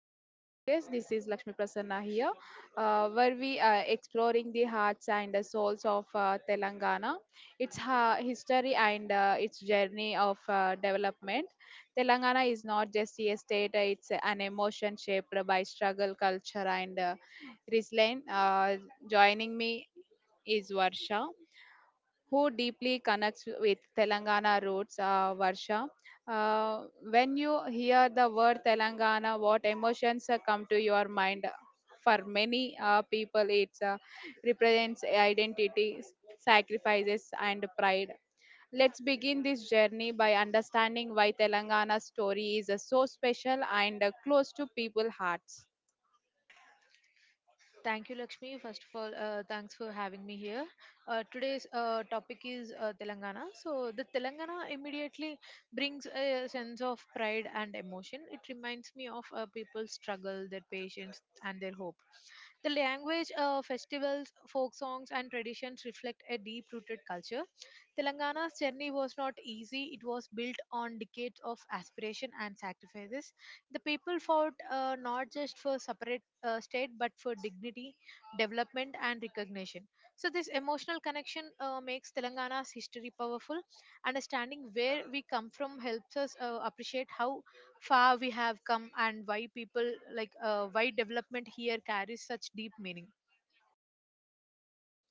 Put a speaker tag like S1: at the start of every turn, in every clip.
S1: back to the podcast. This is Lakshmi Prasanna here, where we are exploring the hearts and the souls of Telangana, its history and its journey of development. Telangana is not just a state, it's an emotion shaped by struggle, culture, and resilience. Joining me is Varsha who deeply connects with Telangana roots, Varsha. Uh, when you hear the word Telangana, what emotions come to your mind? For many people, it represents identity, sacrifices, and pride. Let's begin this journey by understanding why Telangana's story is so special and close to people's hearts.
S2: Thank you, Lakshmi. First of all, thanks for having me here. Today's topic is Telangana. So, the Telangana immediately brings a sense of pride and emotion. It reminds me of people's struggle, their patience, and their hope. The language, festivals, folk songs, and traditions reflect a deep rooted culture. Telangana's journey was not easy, it was built on decades of aspiration and sacrifices. The people fought not just for separate state but for dignity, development, and recognition. So, this emotional connection makes Telangana's history powerful. Understanding where we come from helps us appreciate how far we have come and why people like why development here carries such deep meaning.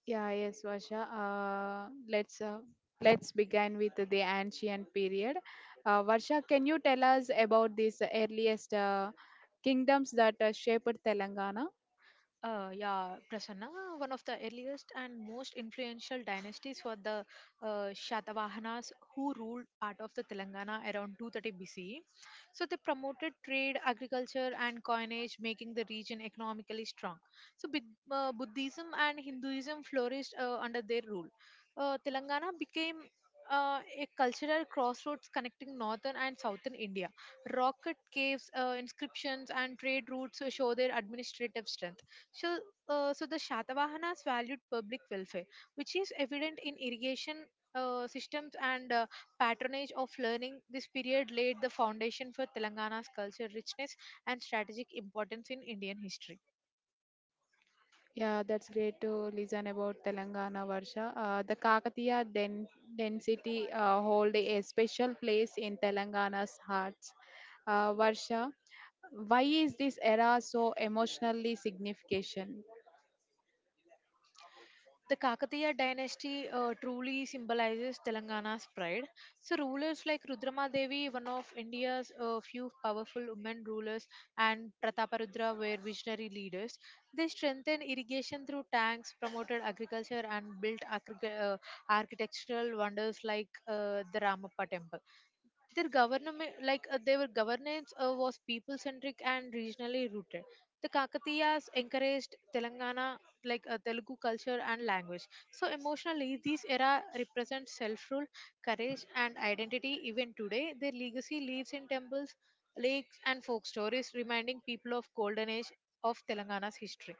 S1: Yeah, yes, Vasha. Let's begin with the ancient period. Varsha, can you tell us about these earliest kingdoms that shaped Telangana?
S2: Yeah, Prasanna, one of the earliest and most influential dynasties were the Shatavahanas, who ruled part of the Telangana around 230 BCE. So they promoted trade, agriculture, and coinage, making the region economically strong. So Buddhism and Hinduism flourished under their rule. Telangana became a cultural crossroads connecting northern and southern India. Rocket caves, inscriptions, and trade routes show their administrative strength. So, so the Shatavahanas valued public welfare, which is evident in irrigation systems and patronage of learning. This period laid the foundation for Telangana's culture richness and strategic importance in Indian history.
S1: Yeah, that's great to listen about Telangana, Varsha. The Kakatiya density hold a special place in Telangana's hearts. Varsha, why is this era so emotionally significant?
S2: The Kakatiya dynasty truly symbolizes Telangana's pride. So, rulers like Rudrama Devi, one of India's few powerful women rulers, and Prataparudra were visionary leaders. They strengthened irrigation through tanks, promoted agriculture, and built architectural wonders like the Ramappa temple. Their government like uh, their governance was people centric and regionally rooted. The Kakatiyas encouraged telangana like Telugu culture and language. So emotionally, this era represents self rule, courage, and identity. Even today their legacy lives in temples, lakes, and folk stories, reminding people of golden age of Telangana's history.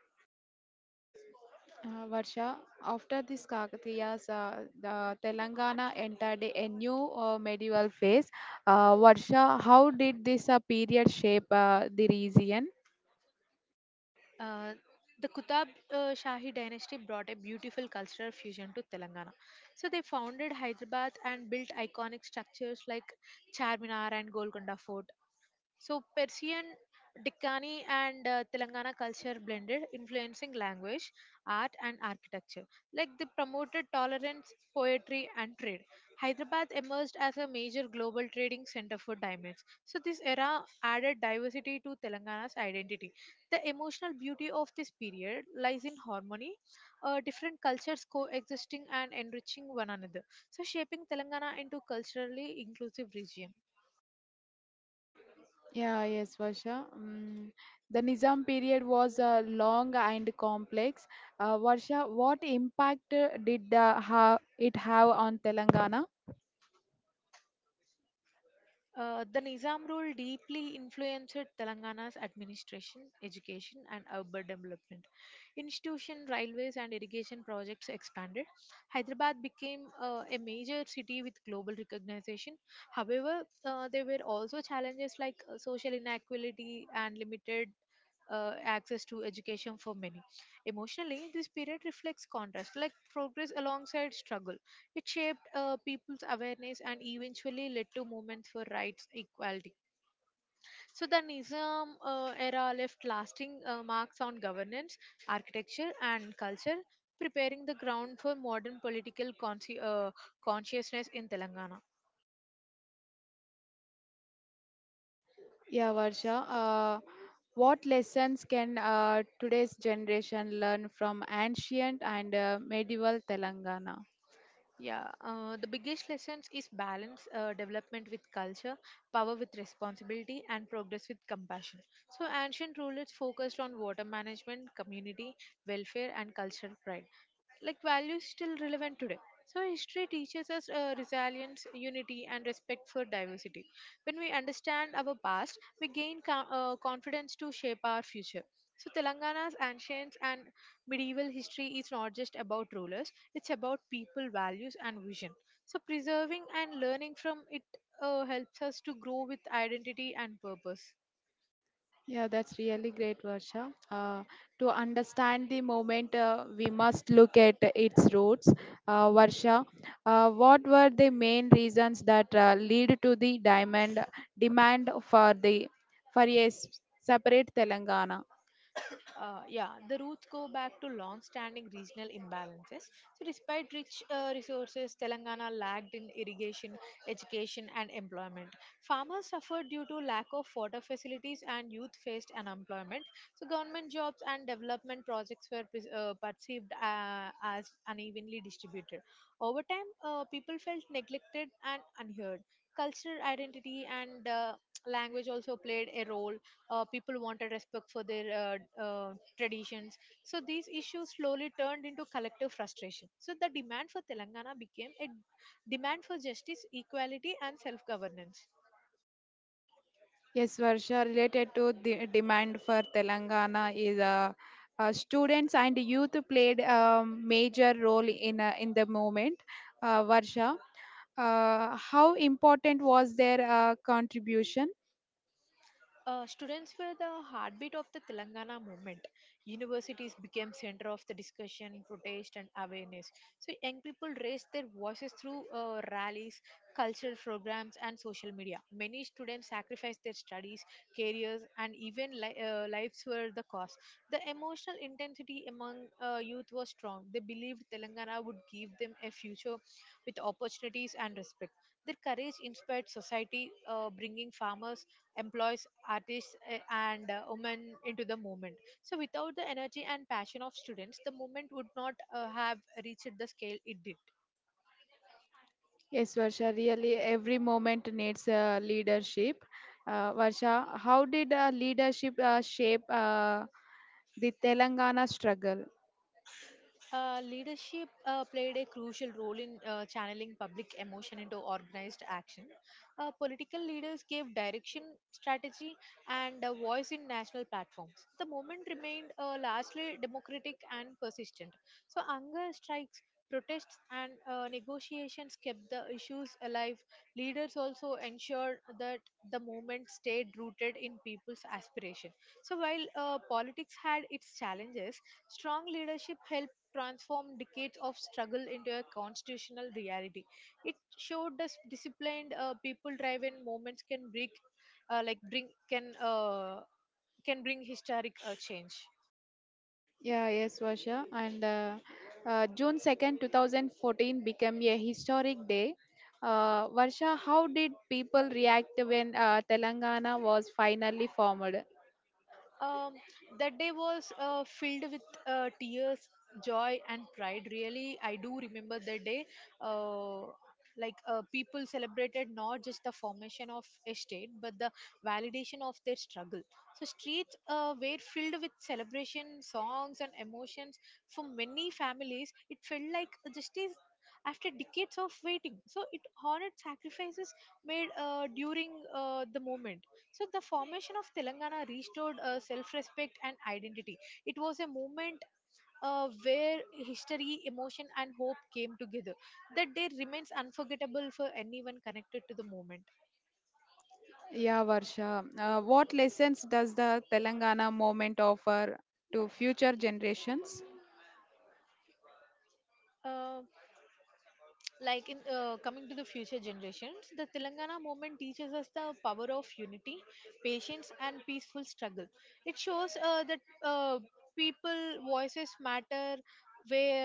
S1: Varsha, after this Kakatiyas, the Telangana entered a new medieval phase. Varsha, how did this period shape the region?
S2: Uh, the Kutab Shahi dynasty brought a beautiful cultural fusion to Telangana. So they founded Hyderabad and built iconic structures like Charminar and Golconda Fort. So Persian, Deccani, and Telangana culture blended, influencing language, art, and architecture. Like they promoted tolerance, poetry, and trade. Hyderabad emerged as a major global trading center for diamonds. So this era added diversity to Telangana's identity. The emotional beauty of this period lies in harmony, different cultures coexisting and enriching one another. So shaping Telangana into culturally inclusive region.
S1: Yeah, yes, Varsha. Mm, the Nizam period was long and complex. Varsha, what impact did it have on Telangana?
S2: The Nizam rule deeply influenced Telangana's administration, education, and urban development. Institution, railways, and irrigation projects expanded. Hyderabad became a major city with global recognition. However, there were also challenges like social inequality and limited access to education for many. Emotionally, this period reflects contrast, like progress alongside struggle. It shaped people's awareness and eventually led to movements for rights equality. So, the Nizam era left lasting marks on governance, architecture, and culture, preparing the ground for modern political consciousness in Telangana.
S1: Yeah, Varsha. What lessons can today's generation learn from ancient and medieval Telangana?
S2: Yeah, the biggest lessons is balance development with culture, power with responsibility, and progress with compassion. So, ancient rulers focused on water management, community welfare, and cultural pride. Like values still relevant today. So, history teaches us resilience, unity, and respect for diversity. When we understand our past, we gain confidence to shape our future. So, Telangana's ancients and Medieval history is not just about rulers, it's about people, values, and vision. So, preserving and learning from it helps us to grow with identity and purpose.
S1: Yeah, that's really great, Varsha. To understand the moment, we must look at its roots. Varsha, what were the main reasons that lead to the diamond demand for a separate Telangana?
S2: Yeah, the roots go back to long-standing regional imbalances. So, despite rich resources, Telangana lagged in irrigation, education, and employment. Farmers suffered due to lack of water facilities, and youth faced unemployment. So, government jobs and development projects were perceived as unevenly distributed. Over time, people felt neglected and unheard. Cultural identity and language also played a role. People wanted respect for their traditions. So these issues slowly turned into collective frustration. So the demand for Telangana became a demand for justice, equality, and self governance.
S1: Yes, Varsha, related to the demand for Telangana is students and youth played a major role in the movement. Varsha, how important was their contribution?
S2: Students were the heartbeat of the Telangana movement. Universities became center of the discussion, protest, and awareness. So young people raised their voices through rallies, cultural programs, and social media. Many students sacrificed their studies, careers, and even lives were the cause. The emotional intensity among youth was strong. They believed Telangana would give them a future with opportunities and respect. Their courage inspired society, bringing farmers, employees, artists, and women into the movement. So, without the energy and passion of students, the movement would not have reached the scale it did.
S1: Yes, Varsha, really every moment needs leadership. Varsha, how did leadership shape the Telangana struggle?
S2: Leadership played a crucial role in channeling public emotion into organized action. Political leaders gave direction, strategy, and a voice in national platforms. The movement remained largely democratic and persistent. So, anger strikes, protests, and negotiations kept the issues alive. Leaders also ensured that the movement stayed rooted in people's aspiration. So, while politics had its challenges, strong leadership helped transformed decades of struggle into a constitutional reality. It showed us disciplined people driven movements can bring, like bring can bring historic change.
S1: Yeah, yes, Vasha. And June 2nd, 2014 became a historic day. Varsha, how did people react when Telangana was finally formed?
S2: Um, that day was filled with tears, joy, and pride. Really, I do remember that day. Uh, People celebrated not just the formation of a state but the validation of their struggle. So streets were filled with celebration, songs, and emotions. For many families, it felt like justice after decades of waiting. So it honored sacrifices made during the movement. So the formation of Telangana restored self-respect and identity. It was a movement where history, emotion, and hope came together. That day remains unforgettable for anyone connected to the moment.
S1: Yeah, Varsha. What lessons does the Telangana movement offer to future generations?
S2: Uh, like in Coming to the future generations, the Telangana movement teaches us the power of unity, patience, and peaceful struggle. It shows that people voices matter where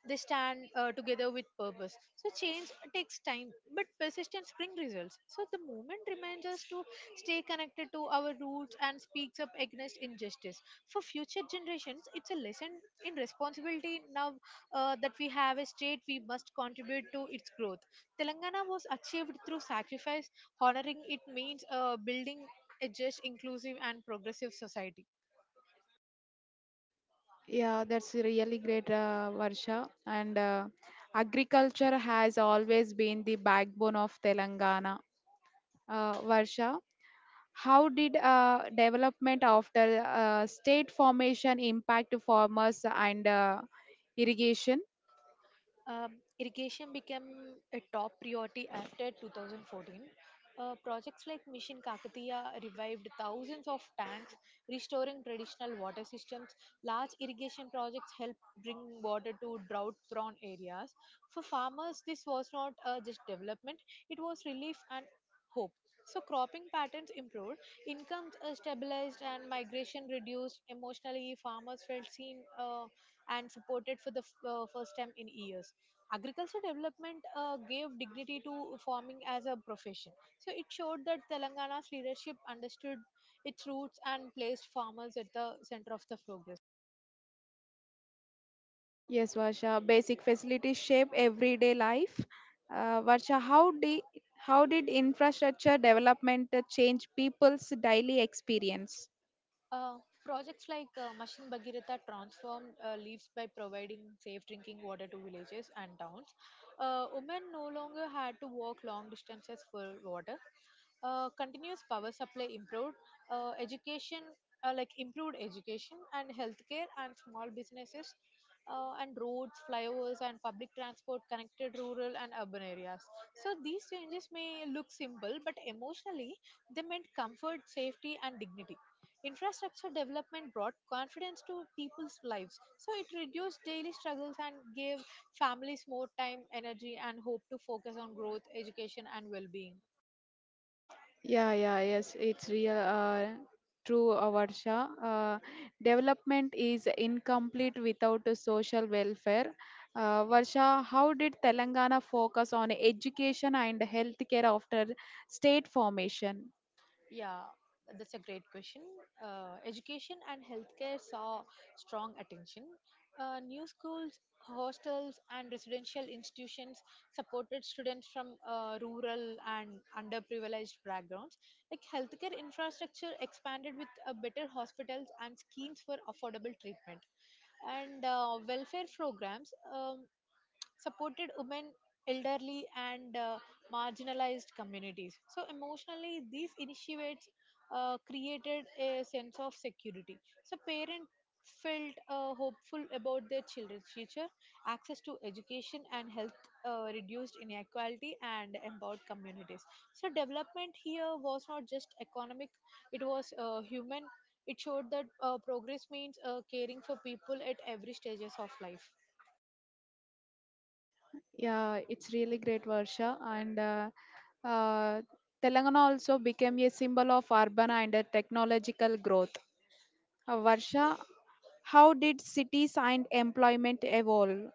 S2: they stand together with purpose. So change takes time but persistence brings results. So the movement reminds us to stay connected to our roots and speaks up against injustice. For future generations, it's a lesson in responsibility. Now that we have a state, we must contribute to its growth. Telangana was achieved through sacrifice. Honoring it means building a just, inclusive, and progressive society.
S1: Yeah, that's really great, Varsha. And agriculture has always been the backbone of Telangana. Varsha, how did development after state formation impact farmers and irrigation?
S2: Um, Irrigation became a top priority after 2014. Projects like Mission Kakatiya revived thousands of tanks, restoring traditional water systems. Large irrigation projects help bring water to drought prone areas. For farmers, this was not just development, it was relief and hope. So cropping patterns improved, incomes stabilized, and migration reduced. Emotionally, farmers felt seen and supported for the first time in years. Agriculture development gave dignity to farming as a profession. So it showed that Telangana's leadership understood its roots and placed farmers at the center of the progress.
S1: Yes, Varsha. Basic facilities shape everyday life. Varsha, how did infrastructure development change people's daily experience?
S2: Uh, Projects like Machine Bhagirath transformed leaves by providing safe drinking water to villages and towns. Women no longer had to walk long distances for water. Continuous power supply improved. Education, like improved education and healthcare and small businesses, and roads, flyovers, and public transport connected rural and urban areas. So these changes may look simple, but emotionally they meant comfort, safety, and dignity. Infrastructure development brought confidence to people's lives. So it reduced daily struggles and gave families more time, energy, and hope to focus on growth, education, and well being.
S1: Yeah, yeah, yes, it's real. True, Varsha. Development is incomplete without a social welfare. Varsha, how did Telangana focus on education and healthcare after state formation?
S2: Yeah, that's a great question. Education and healthcare saw strong attention. New schools, hostels, and residential institutions supported students from rural and underprivileged backgrounds. Like healthcare infrastructure expanded with better hospitals and schemes for affordable treatment, and welfare programs supported women, elderly, and marginalized communities. So, emotionally, these initiates created a sense of security. So, parents felt hopeful about their children's future. Access to education and health reduced inequality and empowered communities. So, development here was not just economic, it was human. It showed that progress means caring for people at every stages of life.
S1: Yeah, it's really great, Varsha. And uh, Telangana also became a symbol of urban and technological growth. Varsha, how did cities and employment evolve?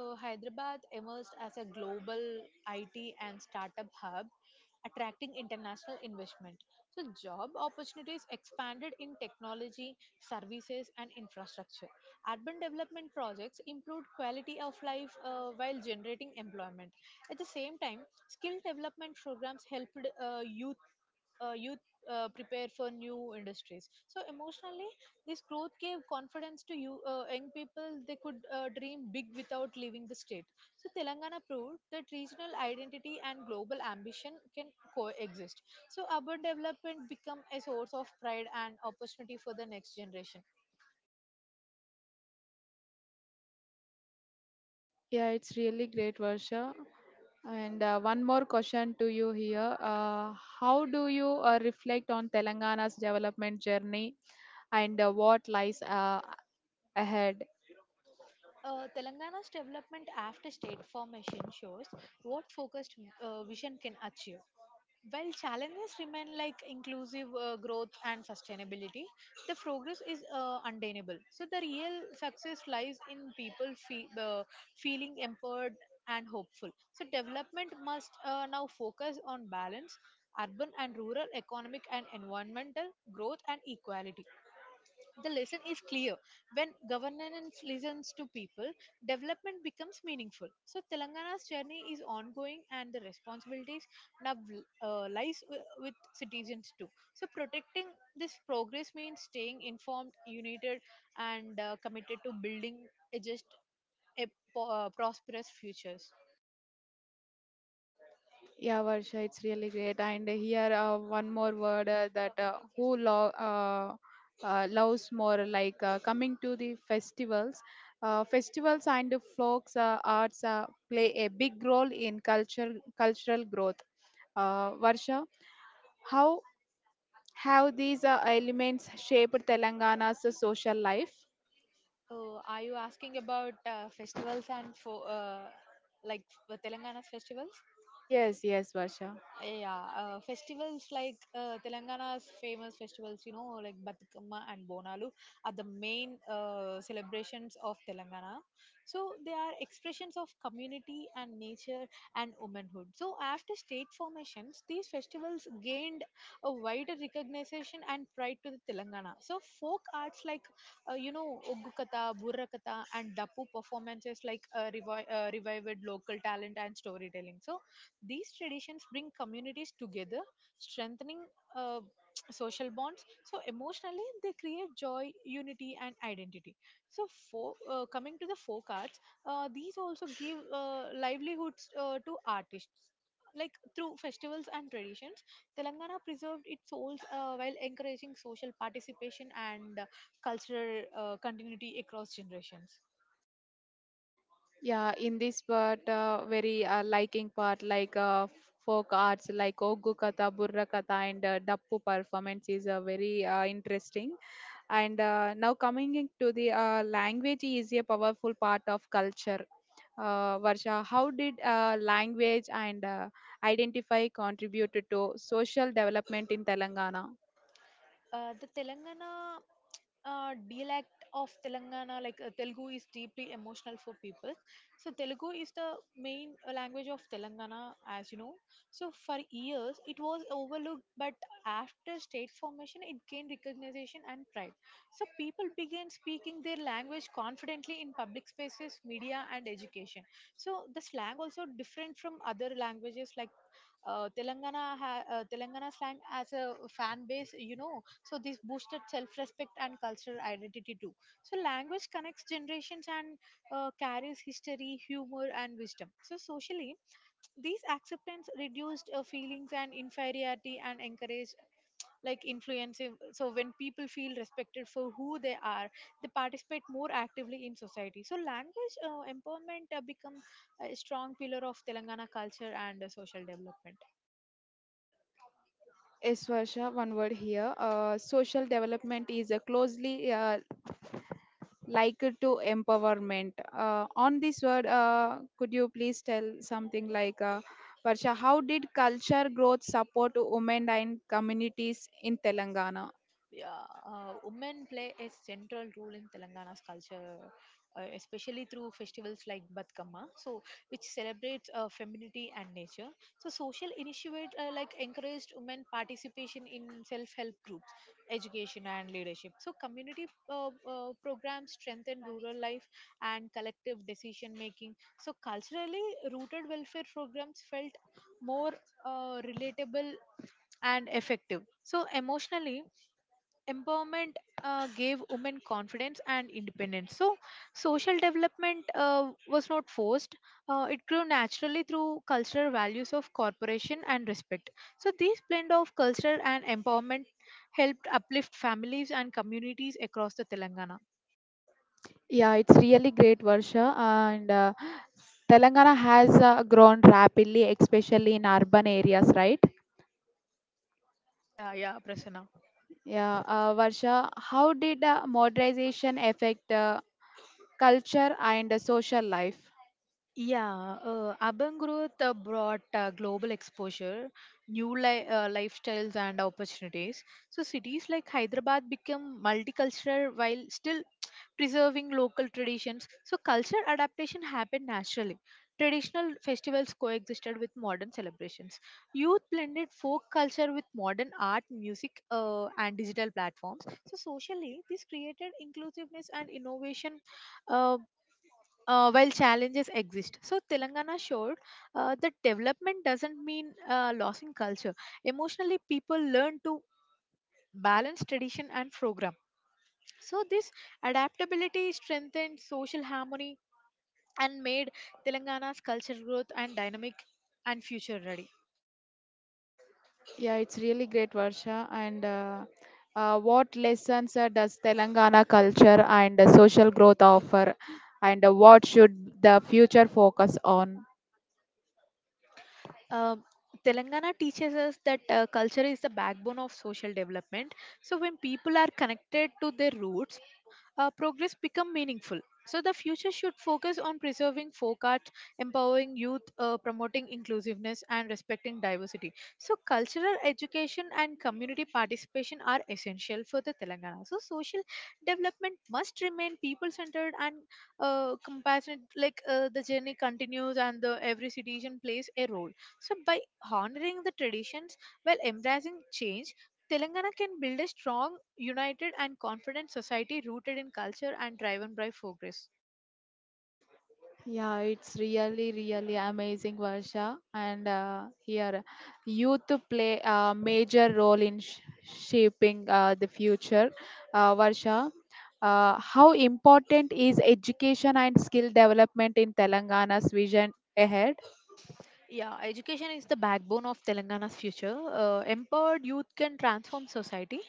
S2: Hyderabad emerged as a global IT and startup hub, attracting international investment. So, job opportunities expanded in technology, services, and infrastructure. Urban development projects improved quality of life while generating employment. At the same time, skill development programs helped youth prepare for new industries. So emotionally, this growth gave confidence to young people. They could dream big without leaving the state. So Telangana proved that regional identity and global ambition can coexist. So urban development become a source of pride and opportunity for the next generation.
S1: Yeah, it's really great, Varsha. And one more question to you here. How do you reflect on Telangana's development journey and what lies ahead?
S2: Telangana's development after state formation shows what focused vision can achieve. While challenges remain like inclusive growth and sustainability, the progress is undeniable. So the real success lies in people feeling empowered and hopeful. So development must now focus on balance, urban and rural, economic and environmental growth and equality. The lesson is clear. When governance listens to people, development becomes meaningful. So Telangana's journey is ongoing, and the responsibilities now lies with citizens too. So, protecting this progress means staying informed, united, and committed to building a just a prosperous futures.
S1: Yeah, Varsha, it's really great. And here, one more word that loves more, like coming to the festivals. Festivals and folks arts play a big role in culture, cultural growth. Varsha, how How these elements shaped Telangana's social life?
S2: Are you asking about festivals and for like Telangana's festivals?
S1: Yes, yes, Varsha.
S2: Yeah, festivals like Telangana's famous festivals, you know, like Batukamma and Bonalu are the main celebrations of Telangana. So they are expressions of community and nature and womanhood. So after state formations, these festivals gained a wider recognition and pride to the Telangana. So folk arts like, you know, Oggu Katha, Burra Katha and Dapu performances like revived local talent and storytelling. So these traditions bring communities together, strengthening uh, social bonds. So, emotionally, they create joy, unity, and identity. So, coming to the folk arts, these also give livelihoods to artists. Like through festivals and traditions, Telangana preserved its souls while encouraging social participation and cultural continuity across generations.
S1: Yeah, in this part, very liking part, like folk arts, like Oggu Katha, Burra Katha, and Dappu performance is very interesting. And now coming into the language is a powerful part of culture. Varsha, how did language and identify contributed to social development in Telangana?
S2: The Telangana dialect of Telangana, like Telugu, is deeply emotional for people. So Telugu is the main language of Telangana, as you know. So for years it was overlooked, but after state formation, it gained recognition and pride. So people began speaking their language confidently in public spaces, media, and education. So the slang also different from other languages like Telangana slang as a fan base, you know, so this boosted self-respect and cultural identity too. So language connects generations and carries history, humor, and wisdom. So socially, these acceptance reduced feelings and inferiority and encouraged like influensive. So when people feel respected for who they are, they participate more actively in society. So language empowerment become a strong pillar of Telangana culture and social development.
S1: Yes, Varsha, one word here. Social development is closely linked to empowerment. On this word, could you please tell something like, Varsha, how did culture growth support women and communities in Telangana?
S2: Yeah, women play a central role in Telangana's culture, especially through festivals like Batkama, so which celebrates femininity and nature. So social initiatives like encouraged women participation in self-help groups, education and leadership. So community programs strengthen rural life and collective decision making. So culturally rooted welfare programs felt more relatable and effective. So emotionally empowerment gave women confidence and independence. So social development was not forced. It grew naturally through cultural values of cooperation and respect. So this blend of culture and empowerment helped uplift families and communities across the Telangana.
S1: Yeah, it's really great, Varsha. And Telangana has grown rapidly, especially in urban areas, right?
S2: Yeah, yeah, Prasanna.
S1: Yeah, Varsha, how did modernization affect culture and social life.
S2: Yeah, urban growth brought global exposure, new lifestyles, and opportunities. So, cities like Hyderabad became multicultural while still preserving local traditions. So culture adaptation happened naturally. Traditional festivals coexisted with modern celebrations. Youth blended folk culture with modern art, music, and digital platforms. So socially, this created inclusiveness and innovation, uh, while challenges exist. So Telangana showed that development doesn't mean loss in culture. Emotionally, people learn to balance tradition and program. So this adaptability strengthened social harmony and made Telangana's cultural growth and dynamic and future ready.
S1: Yeah, it's really great, Varsha. And What lessons does Telangana culture and social growth offer? And what should the future focus on?
S2: Um, Telangana teaches us that culture is the backbone of social development. So when people are connected to their roots, progress become meaningful. So the future should focus on preserving folk art, empowering youth, promoting inclusiveness, and respecting diversity. So cultural education and community participation are essential for the Telangana. So social development must remain people-centered and compassionate. Like the journey continues, and the every citizen plays a role. So by honoring the traditions while embracing change, Telangana can build a strong, united, and confident society rooted in culture and driven by progress.
S1: Yeah, it's really, really amazing, Varsha. And here, youth play a major role in shaping the future. Varsha, how important is education and skill development in Telangana's vision ahead?
S2: Yeah, education is the backbone of Telangana's future. Empowered youth can transform society.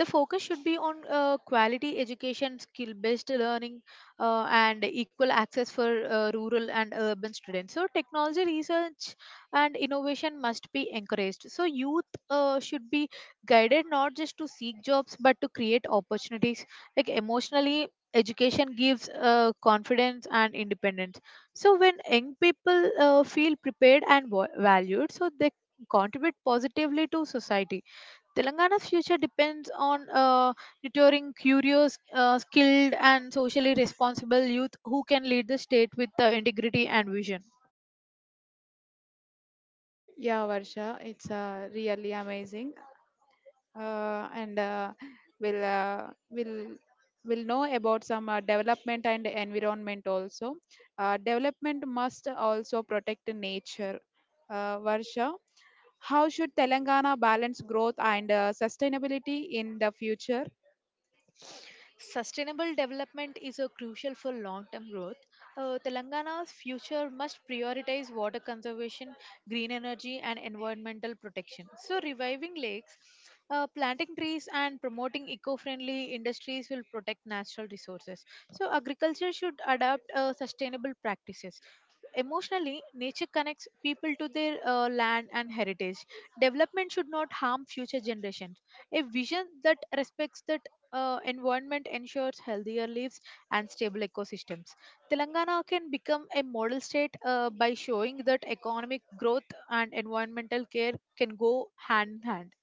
S2: The focus should be on quality education, skill based learning, and equal access for rural and urban students. So, technology research and innovation must be encouraged. So, youth should be guided not just to seek jobs but to create opportunities. Like, emotionally, education gives confidence and independence. So when young people feel prepared and valued, so they contribute positively to society. Telangana's future depends on nurturing curious, skilled, and socially responsible youth who can lead the state with integrity and vision.
S1: Yeah, Varsha, it's really amazing. And will uh, will will know about some development and environment also. Development must also protect nature. Varsha, how should Telangana balance growth and sustainability in the future?
S2: Sustainable development is crucial for long term growth. Telangana's future must prioritize water conservation, green energy, and environmental protection. So, reviving lakes, planting trees, and promoting eco friendly industries will protect natural resources. So, agriculture should adopt sustainable practices. Emotionally, nature connects people to their land and heritage. Development should not harm future generations. A vision that respects that environment ensures healthier lives and stable ecosystems. Telangana can become a model state by showing that economic growth and environmental care can go hand in hand.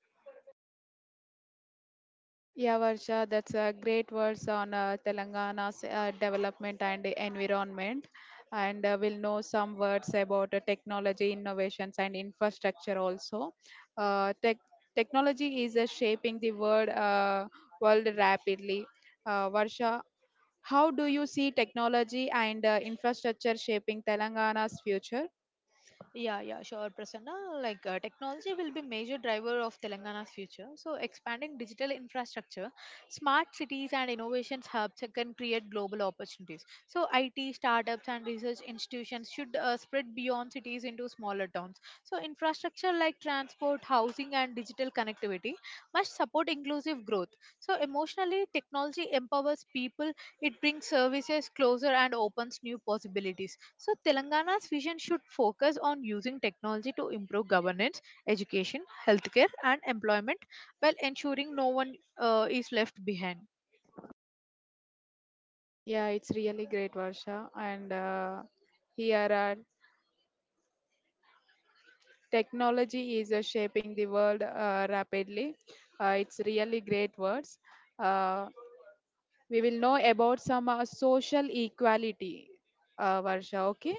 S1: Yeah, Varsha, that's a great words on Telangana's development and environment. And we'll know some words about technology innovations and infrastructure also. Uh, tech Technology is world rapidly. Varsha, how do you see technology and infrastructure shaping Telangana's future?
S2: Yeah, yeah, sure, Prasanna. Like technology will be major driver of Telangana's future. So expanding digital infrastructure, smart cities and innovations hubs can create global opportunities. So IT startups and research institutions should spread beyond cities into smaller towns. So infrastructure like transport, housing and digital connectivity must support inclusive growth. So emotionally, technology empowers people. It brings services closer and opens new possibilities. So, Telangana's vision should focus on using technology to improve governance, education, healthcare, and employment while ensuring no one is left behind.
S1: Yeah, it's really great, Varsha. And here, technology is shaping the world rapidly. It's really great words. Uh, we will know about some social equality, Varsha, okay?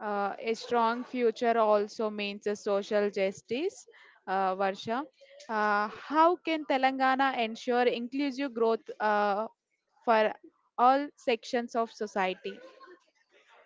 S1: A strong future also means a social justice, Varsha. How can Telangana ensure inclusive growth for all sections of society?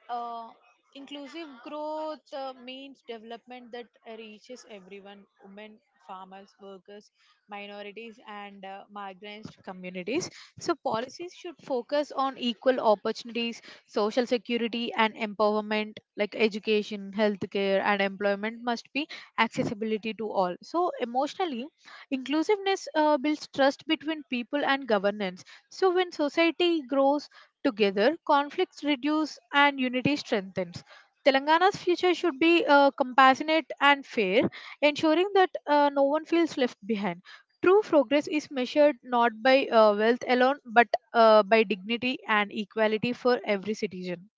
S2: Uh, Inclusive growth means development that reaches everyone, women, farmers, workers, minorities, and marginalized communities. So policies should focus on equal opportunities, social security, and empowerment, like education, healthcare, and employment must be accessibility to all. So emotionally, inclusiveness builds trust between people and governance. So when society grows together, conflicts reduce and unity strengthens. Telangana's future should be compassionate and fair, ensuring that no one feels left behind. True progress is measured not by wealth alone, but by dignity and equality for every citizen.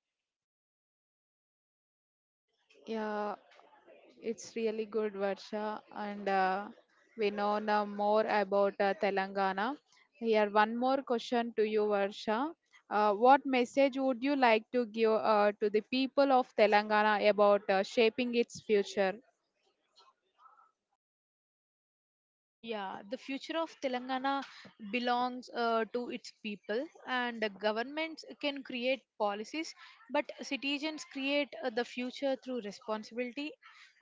S1: Yeah, it's really good, Varsha, and we know now more about Telangana. Here, one more question to you, Varsha. What message would you like to give to the people of Telangana about shaping its future?
S2: Yeah, the future of Telangana belongs to its people, and governments can create policies, but citizens create the future through responsibility,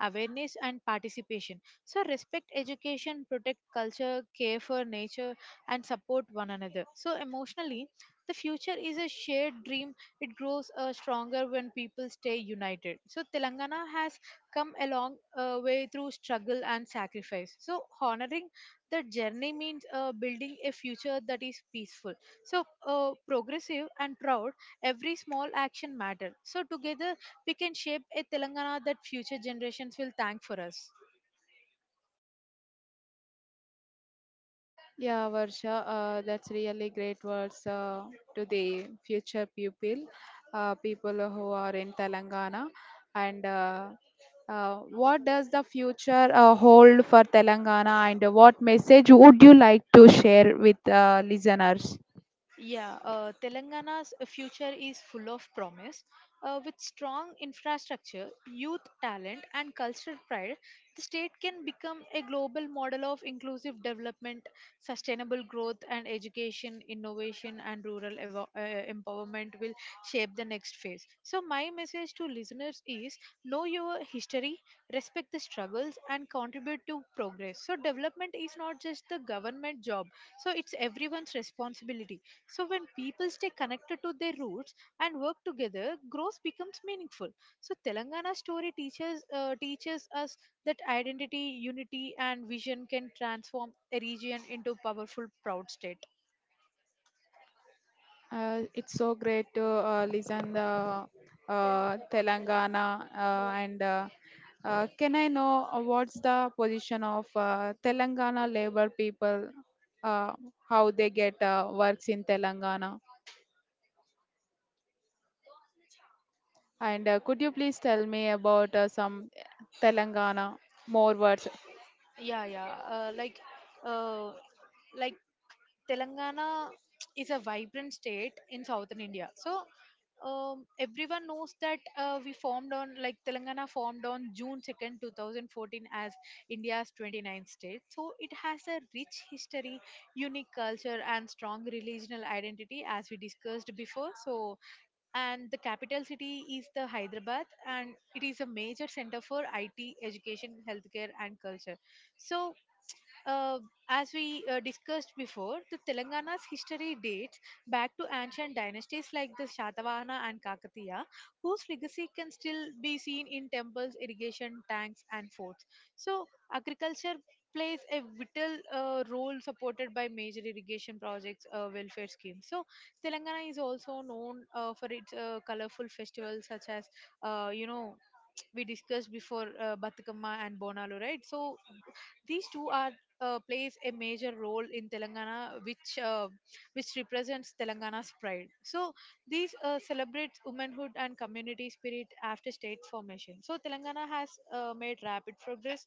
S2: awareness, and participation. So, respect education, protect culture, care for nature, and support one another. So, emotionally, the future is a shared dream. It grows stronger when people stay united. So, Telangana has come a long way through struggle and sacrifice. So, honoring the journey means building a future that is peaceful. So, progressive and proud, every small action matter. So, together we can shape a Telangana that future generations will thank for us.
S1: Yeah, Varsha, that's really great words to the future pupil, people who are in Telangana. And What does the future hold for Telangana, and what message would you like to share with listeners?
S2: Yeah, Telangana's future is full of promise. With strong infrastructure, youth talent, and cultural pride, the state can become a global model of inclusive development, sustainable growth, and education, innovation, and rural empowerment will shape the next phase. So, my message to listeners is know your history, respect the struggles, and contribute to progress. So, development is not just the government job, so it's everyone's responsibility, so when people stay connected to their roots and work together, growth becomes meaningful. So Telangana story teaches us that identity, unity, and vision can transform a region into powerful, proud state.
S1: It's so great to listen the Telangana and can I know what's the position of Telangana labor people, uh, how they get works in Telangana? And could you please tell me about some Telangana more words.
S2: Yeah, yeah. Uh, like Telangana is a vibrant state in southern India. So everyone knows that we formed on like Telangana formed on June 2nd, 2014 as India's 29th state. So it has a rich history, unique culture and strong regional identity as we discussed before. So and the capital city is the Hyderabad, and it is a major center for IT, education, healthcare and culture. So uh, as we discussed before, the Telangana's history dates back to ancient dynasties like the Shatavahana and Kakatiya, whose legacy can still be seen in temples, irrigation tanks, and forts. So, agriculture plays a vital role supported by major irrigation projects, welfare schemes. So, Telangana is also known for its colorful festivals such as, you know, we discussed before Batukama and Bonalu, right? So, these two are plays a major role in Telangana, which represents Telangana's pride. So these celebrates womanhood and community spirit after state formation. So Telangana has made rapid progress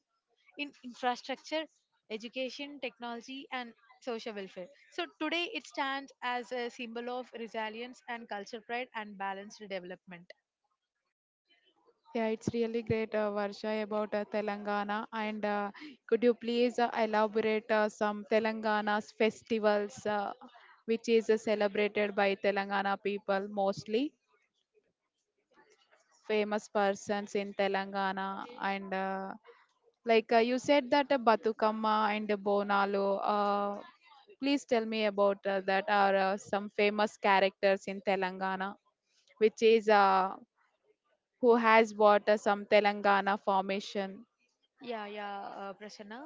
S2: in infrastructure, education, technology, and social welfare. So today it stands as a symbol of resilience and culture pride and balanced development.
S1: Yeah, it's really great, Varsha, about Telangana. And could you please elaborate some Telangana's festivals, which is celebrated by Telangana people mostly, famous persons in Telangana. And like you said that Batukamma and Bonalu, please tell me about that are some famous characters in Telangana, which is who has bought some Telangana formation.
S2: Yeah, yeah, Prasanna.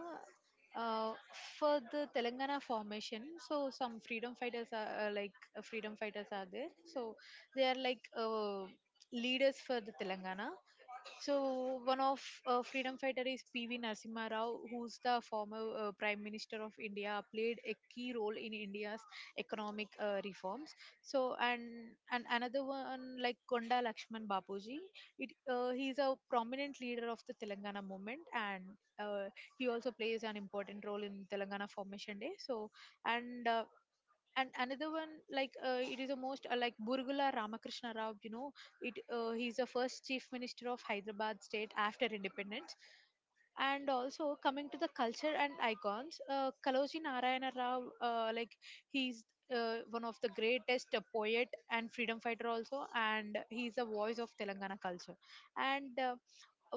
S2: Uh, for the Telangana formation, so some freedom fighters are freedom fighters are there. So they are like leaders for the Telangana. So one of freedom fighter is P.V. Narasimha Rao, who's the former Prime Minister of India, played a key role in India's economic reforms. So and another one like Konda Lakshman Bapuji, it he's a prominent leader of the Telangana movement, and uh, he also plays an important role in Telangana Formation Day. So and another one like it is the most like Burgula Ramakrishna Rao, you know, it he's the first Chief Minister of Hyderabad state after independence. And also coming to the culture and icons, Kaloji Narayana Rao, uh, like he's one of the greatest poet and freedom fighter also, and he's the voice of Telangana culture. And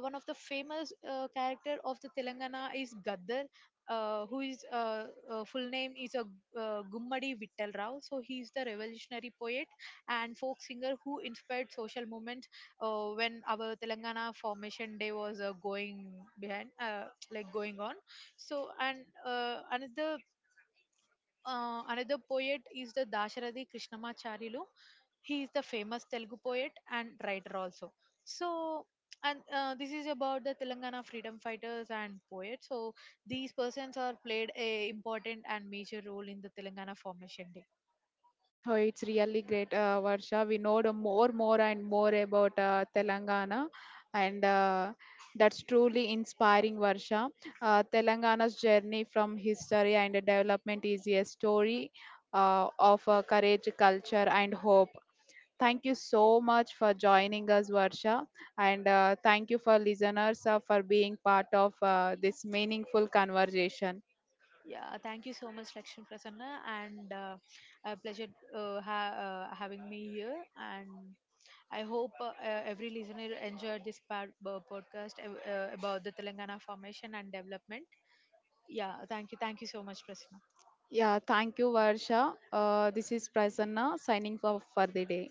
S2: one of the famous character of the Telangana is Gaddar, who is full name is a Gummadi Vittal Rao. So he is the revolutionary poet and folk singer who inspired social movement when our Telangana formation day was going behind, like going on. So and uh, another another poet is the Dasharadi Krishnamacharilu. He is the famous Telugu poet and writer also. So, and this is about the Telangana freedom fighters and poets. So, these persons are played a important and major role in the Telangana formation day.
S1: Oh, it's really great, Varsha. We know the more, more, and more about Telangana, and that's truly inspiring, Varsha. Telangana's journey from history and development is a story of courage, culture, and hope. Thank you so much for joining us, Varsha, and thank you for listeners for being part of this meaningful conversation.
S2: Yeah, thank you so much, Lakshmi Prasanna, and a pleasure uh, ha- having me here. And I hope every listener enjoyed this part podcast about the Telangana formation and development. Yeah, thank you so much, Prasanna.
S1: Yeah, thank you, Varsha. This is Prasanna signing off for the day.